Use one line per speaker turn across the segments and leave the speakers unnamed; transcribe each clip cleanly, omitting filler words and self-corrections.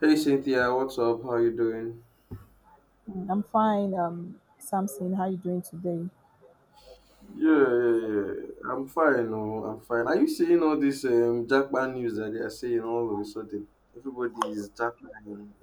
Hey Cynthia, what's up? How you doing?
I'm fine, Samson. How you doing today?
Yeah, yeah, yeah. I'm fine. Oh, I'm fine. Are you seeing all this Jackman news that they are saying all of a sudden? Everybody is Jackman.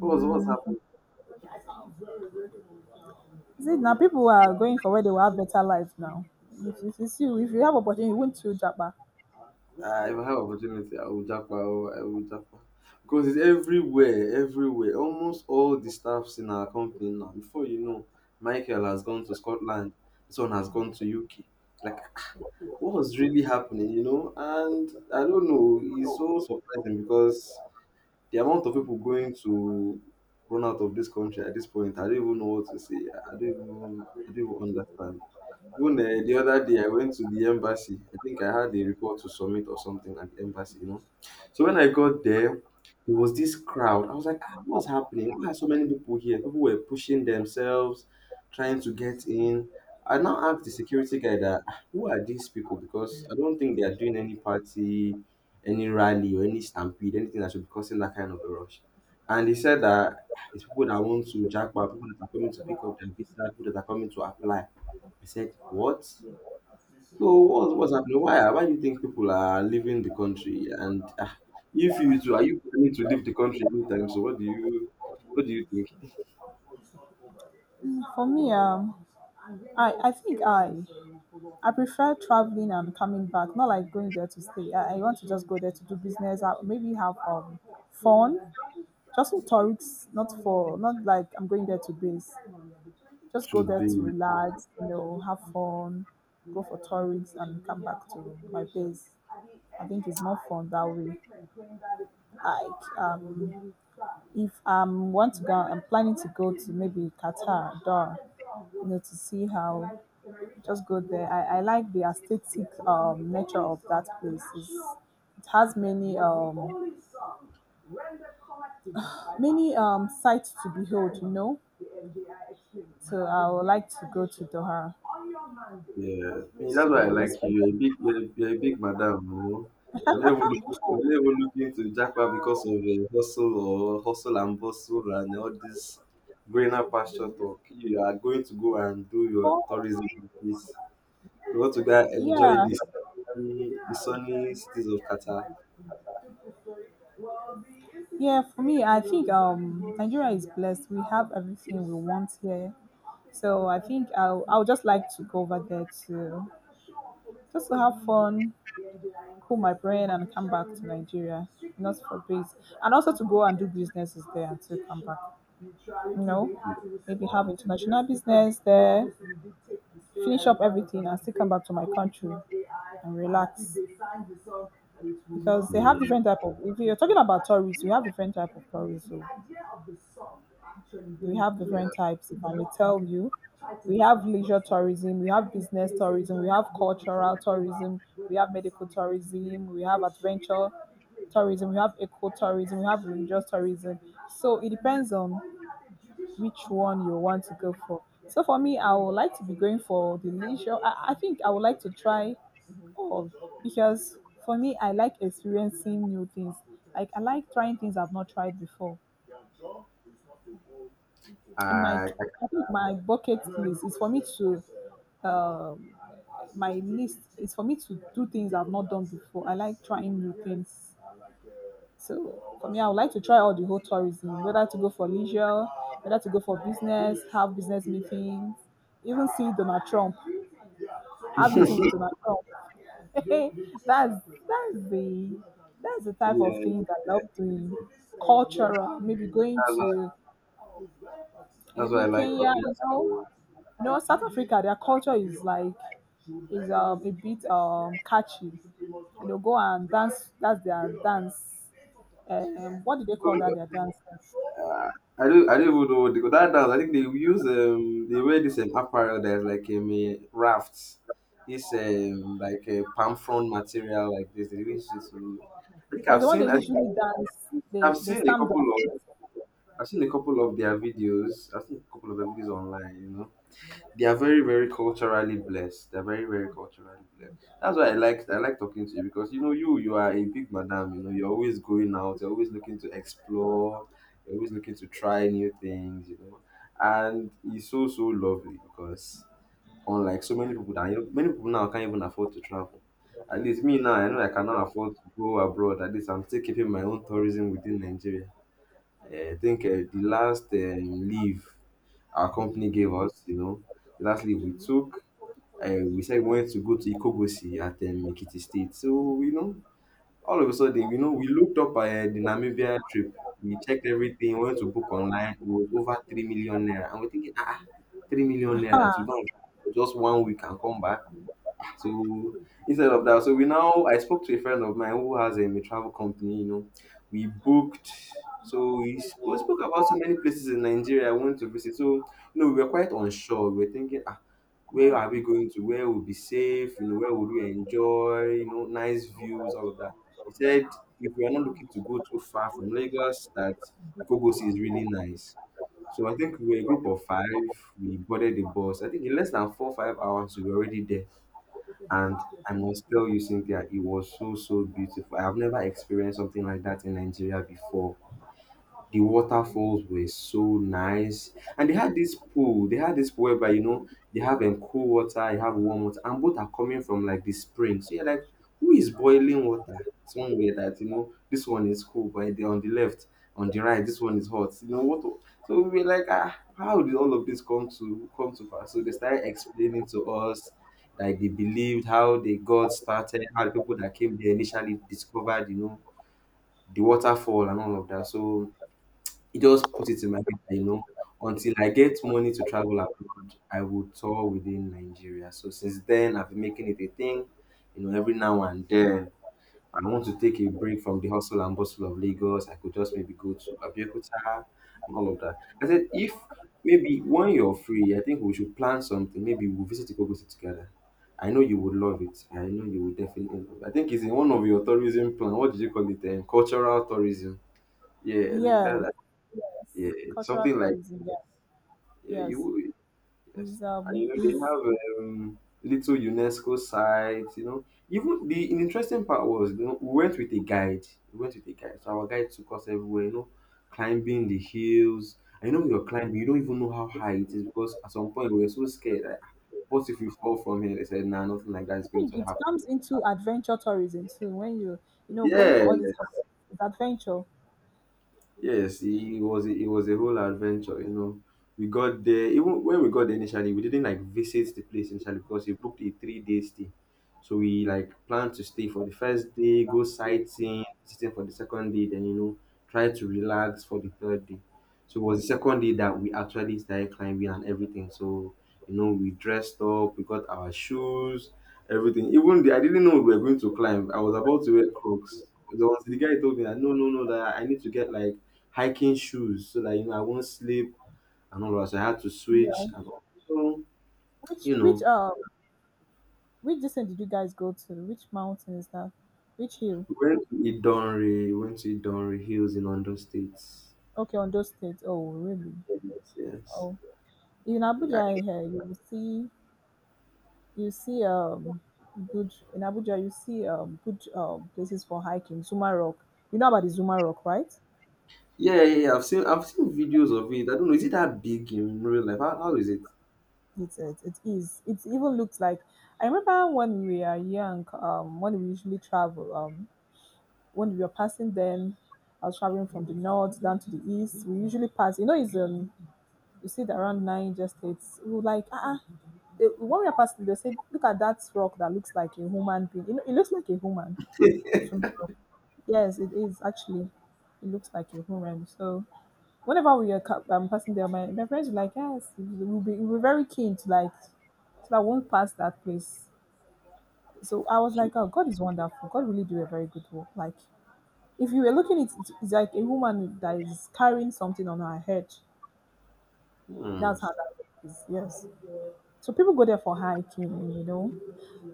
What's what's happening?
See, now people are going for where they will have better life now. If it's you, if you have opportunity, won't you, Japa?
If I have opportunity, I will Jackman. Oh, I will Jackman because it's everywhere, everywhere. Almost all the staffs in our company now. Before you know, Michael has gone to Scotland. This one has gone to UK. Like what was really happening? And I don't know. It's so surprising because the amount of people going to run out of this country at this point, I don't even know what to say. I don't even I don't even understand. Even eh, the other day, I went to the embassy. I think I had a report to submit or something at the embassy. So when I got there, there was this crowd. I was like, ah, what's happening? Why are so many people here? People were pushing themselves, trying to get in. I now asked the security guy that, "Ah, who are these people? Because I don't think they are doing any party, any rally, or any stampede, anything that should be causing that kind of a rush." And he said that, "Ah, it's people that want to jackpot, people that are coming to pick up their visa, people that are coming to apply." I said, "What? So what's happening? Why do you think people are leaving the country? And if you too, are you planning to leave the country anytime? So what do you think?"
For me, I I prefer traveling and coming back, not like going there to stay. I want to just go there to do business, maybe have fun, just for tourists, not for not like I'm going there to base. Just
To
go there to
be
relax, you know, have fun, go for tourists, and come back to my base. I think it's more fun that way. Like, if I am want to go, I'm planning to go to maybe Qatar, Doha, you know, to see how, just go there. I like the aesthetic nature of that place. It has many, many sights to behold, you know. So I would like to go to Doha.
yeah. I mean, that's why I
So,
like you.
expect-
You're a big madam, you know. I'm never looking to jackpot because of hustle or hustle and bustle and all this greener pasture talk. You are going to go and do your
For
tourism in peace. We want to go and enjoy
yeah,
this the sunny cities of Qatar.
yeah. For me, I think Nigeria is blessed. We have everything we want here, so I think I'll just like to go over there to just to have fun, cool my brain and come back to Nigeria, not for base, and also to go and do businesses there until come back. You know,
Yeah,
maybe have international business there, finish up everything and still come back to my country and relax. Because they
yeah,
have different type of. If you're talking about tourists, we have different type of tourism. We have
yeah.
different types. If I may tell you, we have leisure tourism, we have business tourism, we have cultural tourism, we have medical tourism, we have adventure tourism, we have ecotourism, we have religious tourism. So it depends on which one you want to go for. So for me, I would like to be going for the leisure. I think I would like to try all because for me, I like experiencing new things. Like I like trying things I've not tried before. In my,
I
I think my bucket list is for me to um my list is for me to do things I've not done before. I like trying new things. So for me, I would like to try all the whole tourism, whether to go for leisure, whether to go for business, have business meetings, even see Donald Trump, have meeting with Donald Trump. that's that's the that's the type of
yeah,
things
yeah,
I love
yeah.
doing. Cultural, maybe going
That's why
to
that's why I
maybe
like
Kenya,
talking
you know.
to.
You know, South Africa, their culture is like is a bit catchy. You know, go and dance. That's their dance. What do they call that? Their dance.
I don't even know what they call that dance. I think they use they wear this apparel that's like a raft. This like a palm frond material like this. They really use it to,
That's the one they
I think
usually dance.
I've
They
seen a
stamp their
couple of
feet.
I've seen a couple of their videos. I've seen a couple of their videos online, you know. They are very, very culturally blessed. They're very, very culturally blessed. That's why I like talking to you because you know you are a big madam. You know you're always going out. You're always looking to explore. You're always looking to try new things. You know, and it's so so lovely because unlike so many people that you know, many people now can't even afford to travel. At least me now, I know I cannot afford to go abroad. At least I'm still keeping my own tourism within Nigeria. I think the last leave our company gave us, you know. The last leave we took, we said we wanted to go to Ikogosi at Ekiti State. So, you know, all of a sudden, you know, we looked up the Namibia trip. We checked everything, we went to book online. It was over 3 million naira. And we're thinking, ah, ah, 3 million naira to
Huh.
go and travel for just one week and come back. So instead of that, so we now I spoke to a friend of mine who has a travel company. You know, we booked. So we spoke about so many places in Nigeria I want to visit. So you know, we were quite unsure. We were thinking, ah, where are we going to? Where will be safe? You know, where would we enjoy? You know, nice views, all of that. He said, if we are not looking to go too far from Lagos, that Ikogos is really nice. So I think we were a group of five. We boarded the bus. I think in less than 4 5 hours, we were already there and I must tell you, Cynthia, it was so so beautiful. I have never experienced something like that in Nigeria before. The waterfalls were so nice. And they had this pool. They had this pool whereby, you know, they have cool water, you have warm water, and both are coming from like the spring. So you're like, who is boiling water? Somewhere that, you know, this one is cool, but on the left, on the right, this one is hot. You know what? So we were like, ah, how did all of this come to pass? So they started explaining to us like they believed how they got started, how the people that came there initially discovered, you know, the waterfall and all of that. So he just put it in my head that, you know, until I get money to travel abroad, I will tour within Nigeria. So since then, I've been making it a thing. You know, every now and then, I want to take a break from the hustle and bustle of Lagos. I could just maybe go to Abeokuta and all of that. I said, if maybe when you're free, I think we should plan something. Maybe we'll visit Ikogosì together. I know you would love it. I know you would definitely love it. I think it's in one of your tourism plan. What did you call it? Cultural tourism. Yeah, I think
Yes.
that yeah,
Yes. Cultural
something like
tourism. Yeah.
yeah,
Yes.
yes, and you know they
Is
have little UNESCO sites. You know, even the interesting part was you know we went with a guide. We went with a guide, so our guide took us everywhere. You know, climbing the hills. I know you're climbing. You don't even know how high it is because at some point we were so scared. Like, "Ah, what if we fall from here?" They said, "Nah, nothing like that is
I
going
think
to
it
happen."
comes into adventure tourism too. When you know going
Yeah.
for all these hikes, it's adventure.
Yes, it was a whole adventure, you know. We got there even when we got there initially, we didn't like visit the place initially because we booked a 3 day stay. So we like planned to stay for the first day, go sightseeing, visiting for the second day, then you know, try to relax for the third day. So it was the second day that we actually started climbing and everything. So, you know, we dressed up, we got our shoes, everything. Even I didn't know we were going to climb. I was about to wear Crocs. The, the guy told me that no, no, no, that I need to get like hiking shoes so that you know I won't slip and all that. So I had to
Yeah.
switch and also,
Which
you
which
know,
um Which descent did you guys go to? Which mountain is that? Which hill?
we went to Idonre, we went to Idonre Hills in Ondo State.
Okay, on those states. Oh, really?
Yes, yes.
Oh, in
Yeah,
Abuja here you will see you see good in Abuja you see good places for hiking. Zuma Rock. You know about the Zuma Rock, right?
yeah, yeah. Yeah, I've seen videos of it. I don't know, is it that big in real life? How is it?
It is. It even looks like I remember when we are young, when we usually travel, when we were passing them, I was traveling from the north down to the east. We usually pass. You know, it's a You see, that around Niger states, we were like, ah, they, when we are passing, they said, look at that rock that looks like a human being. You know, it looks like a human. So, yes, it is actually. It looks like a human. So, whenever we are passing there, my friends were like, yes, we'll be very keen to like, so I won't pass that place. So I was
So,
like, oh, God is wonderful. God really do a very good work. Like, if you were looking, it's like a woman that is carrying something on her head.
hmm.
That's how that is. Yes. So people go there for hiking, you know.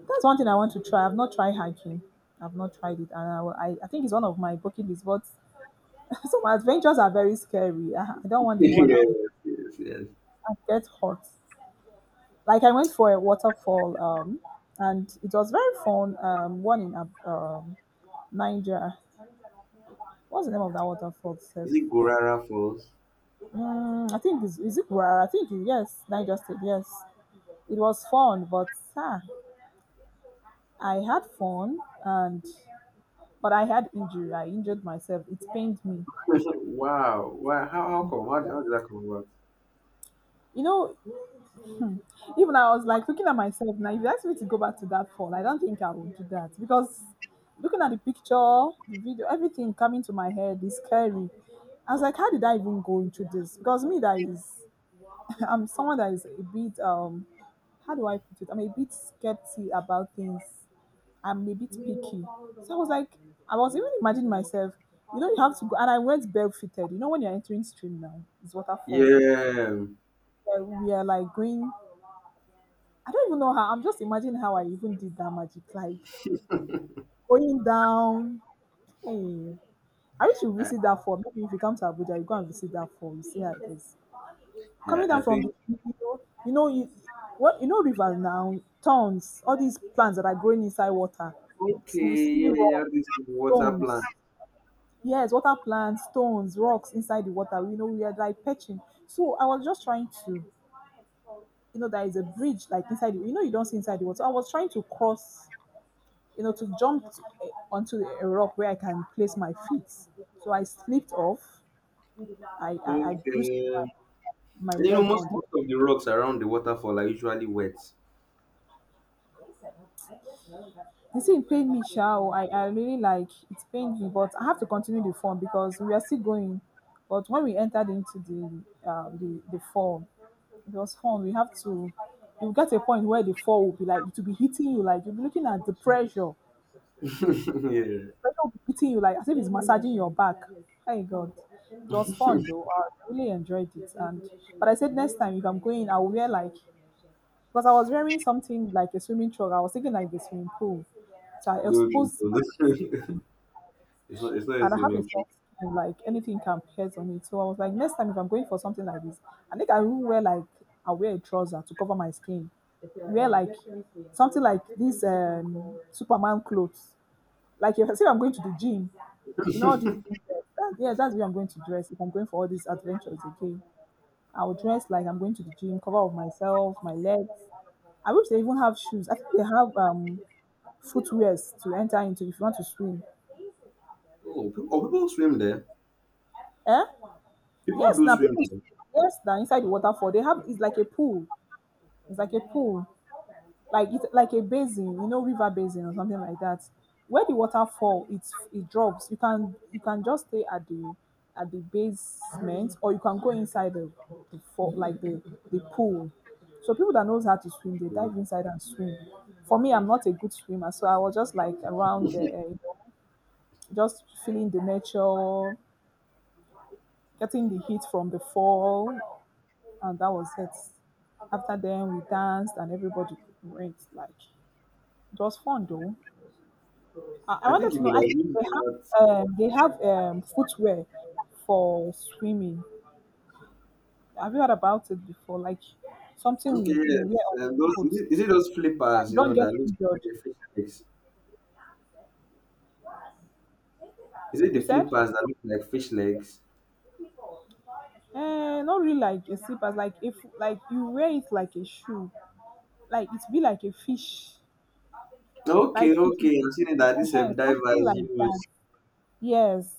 That's one thing I want to try. I've not tried hiking. I've not tried it, and I think it's one of my bucket lists. But some adventures are very scary. I don't want the one I
Yes,
will
yes, yes.
I get hot. Like I went for a waterfall, and it was very fun. One in Niger. What's the name of that waterfall? Seth?
Is it Gorara Falls?
Mm, I think is it Rara? I think it- yes, Niger State. Yes, it was fun, but ah, I had fun and but I had injury. I injured myself. It pained me.
Wow. Wow. How come? How did that come about?
You know, even I was like looking at myself now. If you ask me to go back to that fall, I don't think I would do that because looking at the picture, the video, everything coming to my head is scary. I was like, how did I even go into this? Because me, that is, I'm someone that is a bit, how do I put it? I'm a bit skeptical about things. I'm a bit picky. So I was like, I was even imagining myself, you know, you have to go. And I went barefooted. You know, when you're entering stream now, it's waterfall
Yeah,
Yeah, we are like going. I don't even know how. I'm just imagining how I even did that magic, like going down. Hey, I wish you visit that fall. Maybe if you come to Abuja, you go and visit that fall. You see how it is. Coming
I
down from
think
the hill, you know, you what you know, rivers now, tons, all these plants that are growing inside water. You
okay,
see
yeah, yeah,
rocks,
this water plant.
stones. Yes, water plants, stones, rocks inside the water. You know, we are like perching. So I was just trying to. You know, there is a bridge like inside. You know, you don't see inside the water. So I was trying to cross, you know, to jump to, eh, onto a rock where I can place my feet. So I slipped off. I
Okay.
bruised
You
my
know,
leg on the.
most of the rocks around the waterfall are usually wet.
The thing pained me, Shao. I really like it pained me, but I have to continue the form because we are still going. But when we entered into the the form, it was fun. We have to. You get a point where the fall will be like it will be hitting you, like you'll be looking at the pressure.
Yeah.
Pressure will be hitting you like as if it's massaging your back. Thank God. It was fun though. I really enjoyed it. And but I said next time if I'm going, I will wear like because I was wearing something like a swimming trunk. I was thinking like the swimming pool. So I
No,
exposed my
no, no. It's not. It's not a
and I have a
swimming pool.
soft skin, like anything can pierce on it. So I was like, next time if I'm going for something like this, I think I will wear like I wear a trouser to cover my skin. Wear like something like this Superman clothes like if I say I'm going to the gym, you know all these things that, yeah, that's the way I'm going to dress. If I'm going for all these adventures Okay, I will dress like I'm going to the gym, cover up myself, my legs. I wish they even have shoes. I think they have footwears to enter into if you want to swim.
Oh, oh, people swim there.
Eh?
People
Yes,
do
now
swim
people
there.
yes now inside the waterfall they have it's like a pool. It's like a pool. Like it's like a basin, you know, river basin or something like that. Where the water fall, it's it drops. You can just stay at the basement, or you can go inside the fall, like the pool. So people that knows how to swim, they
Yeah.
dive inside and swim. For me, I'm not a good swimmer, so I was just like around there, you know, just feeling the nature, getting the heat from the fall, and that was it. After then, we danced and everybody went like it was fun though. I
I think
wanted
you
to know
could have
actually
used that.
they have footwear for swimming. Have you heard about it before? Like something
Okay,
you, you
yes.
wear on your
And those
foot, so
is it those flippers?
you
You know
don't get
that look
injured.
like fish legs. Is it the
You said?
flippers that look like fish legs?
Eh, not really like a slippers. Like if like you wear it like a shoe. Like it be like a fish. Like
Okay,
it
okay. I've seen it that this
eh,
diver
something
is
like that.
used.
Yes.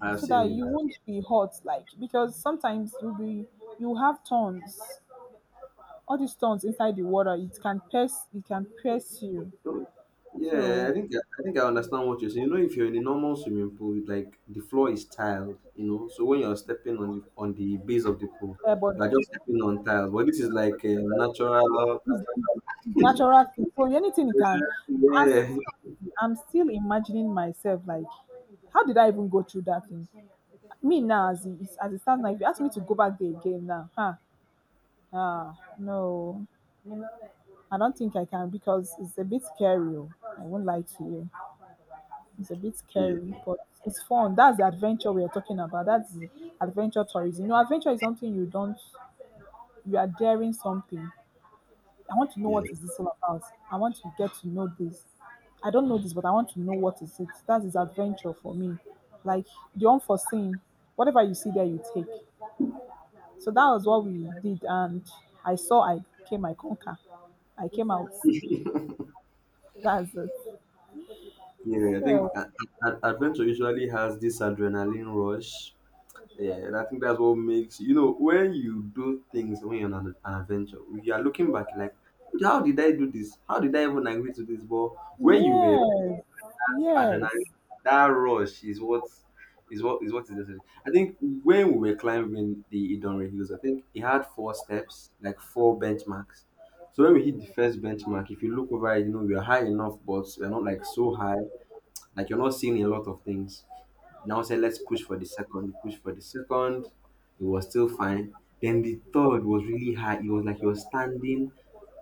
I've
So
seen
that you
it.
won't be hot, like because sometimes you'll be you have thorns. All these stones inside the water, it can pierce you.
So, yeah,
So,
I think I understand what you're saying. You know, if you're in a normal swimming pool, like the floor is tiled, you know. So when you're stepping on the base of the pool,
yeah, but
you are just stepping on tiles. But this is like a natural.
it's, it's natural thing. So anything it can.
Yeah,
I'm still imagining myself like, how did I even go through that thing? Me now, as it stands now, if you ask me to go back there again now, huh? Ah, no, I don't think I can because it's a bit scary. Oh. I won't lie to you. It's a bit scary,
yeah,
but it's fun. That's the adventure we are talking about. That's the adventure tourism. You know, adventure is something you don't, you are daring something. I want to know
yeah,
what is this all about. I want to get to know this. I don't know this, but I want to know what is it. That is adventure for me. Like the unforeseen, whatever you see there, you take. So that was what we did, and I came, I conquer, I came out. That's it.
yeah. I think
So
adventure usually has this adrenaline rush. Yeah, and I think that's what makes you know when you do things when you're on an adventure, you are looking back like, how did I do this? How did I even agree to this? But when you were
Yes,
adrenaline,
yes,
that rush is what is what is necessary. I think when we were climbing the Idonre Hills, I think it had four steps, like four benchmarks. So when we hit the first benchmark, if you look over, we are high enough, but we're not like so high, like you're not seeing a lot of things. Now say let's push for the second, we push for the second, it was still fine. Then the third was really high. It was like you're standing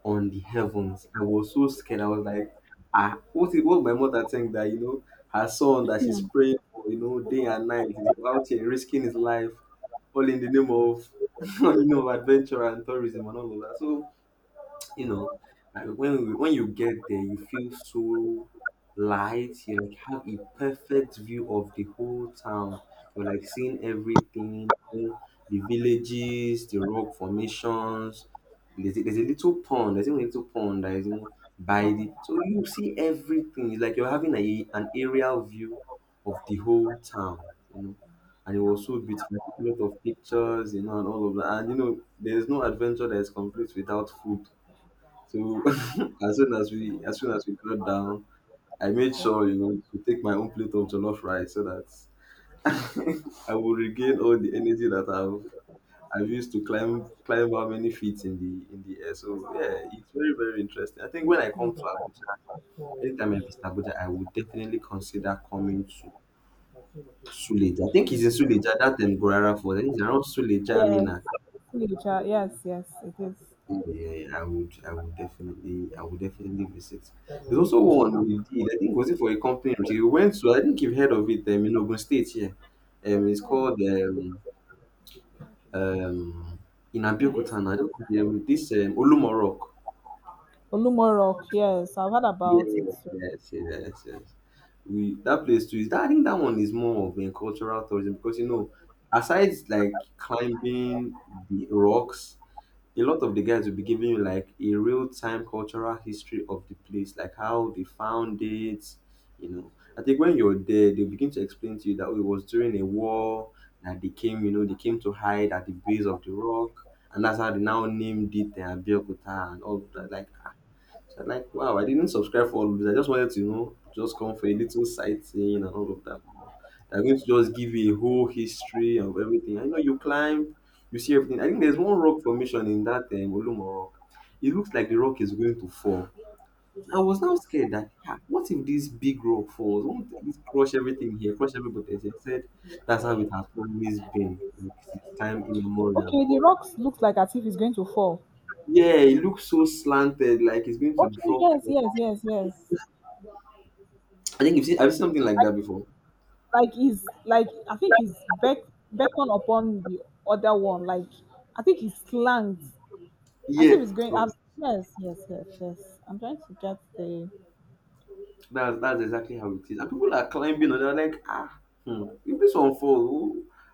on the heavens. I was so scared. I was like, ah, what is what my mother think that her son that she's praying for, day and night is out here risking his life, all in the name of adventure and tourism and all of that. So you know when we, when you get there you feel so light you like have a perfect view of the whole town. You're like seeing everything, the villages, the rock formations. There's there's a little pond, there's even a little pond that is by the so you see everything. It's like you're having an aerial view of the whole town you know and it was so beautiful. I took a lot of pictures, and all of that. And there's no adventure that is complete without food. So as soon as we got down, I made sure to take my own plate of jollof rice so that I will regain all the energy that I've used to climb how many feet in the air. So yeah, it's very interesting. I think when I come to Abuja, anytime I visit Abuja, I would definitely consider coming to Suleja. I think it's in Suleja that in Gorara for I think it's around Suleja
yes,
Mina.
teacher. Yes, yes, yes, it is.
Yeah, yeah, yeah, I would, I would definitely visit. There's also one we did. I think was it for a company we went to. I think you've heard of it. In Ogun State here. It's called um in Abeokuta. I don't know. This Olumo Rock.
Olumo Rock. Yes, I've heard about it.
Yeah, yes, yes, yes. We that place too is that I think that one is more of a cultural tourism because aside like climbing the rocks, a lot of the guys will be giving you like a real time cultural history of the place, like how they found it. You know, I think when you're there, they begin to explain to you that oh, it was during a war that they came, they came to hide at the base of the rock, and that's how they now named it the Abeokuta and all of that. Like, so I'm like, wow, I didn't subscribe for all of this. I just wanted to, just come for a little sightseeing and all of that. But they're going to just give you a whole history of everything. I know you climb, you see everything. I think there's one rock formation in that Olumo Rock. It looks like the rock is going to fall. I was now scared that, "Ah, what if this big rock falls? Won't it crush everything here, crush everybody?" They said that's how it has always been, like since time immemorial.
Okay, the rocks looks like as if it's going to fall.
Yeah, it looks so slanted, like it's going to
Okay,
drop.
yes, yes, yes, yes.
I think you've seen, I've seen something like
I
that before.
like he's like I think he's beck beckon upon the other one. Like I think he's slanged as
Yeah,
if he's going.
God,
I yes, yes, yes, yes. I'm trying to get the
that's exactly how it is. And people are climbing on. They're like, ah, hmm, if this one falls,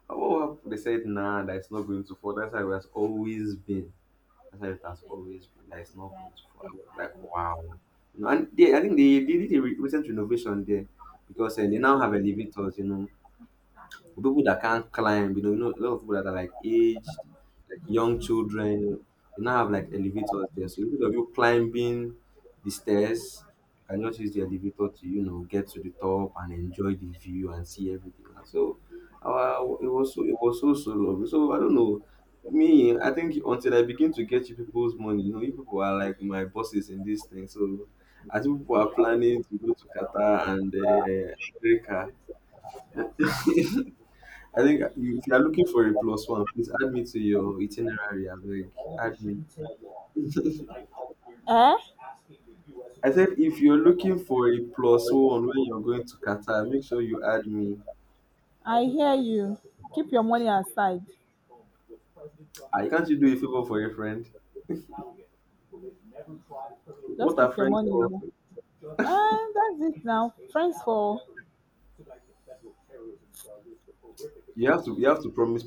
who, what happened?" They said, nah, that's not going to fall. That's how it has always been. That's how it has always been. That it's not going to fall. I was like, wow. You know, and they, I think they did a recent renovation there because eh, they now have elevators. You know, for people that can't climb, a lot of people that are like aged, like young children, you know, they now have like elevators there. So instead of you climbing the stairs, you can just use the elevator to, get to the top and enjoy the view and see everything. And so it was so so lovely. So I don't know. Me, I think until I begin to get you people's money, you people are like my bosses in this thing. So as people are planning to go to Qatar and America, I think you, if you are looking for a plus one, please add me to your itinerary. I beg, add me. I said if you're looking for a plus one when you're going to Qatar, make sure you add me.
I hear you. Keep your money aside.
I can't you do a favor for a friend?
Just
What are
keep your
friends
money.
for?
Oh. And that's it now. Friends for
You have to promise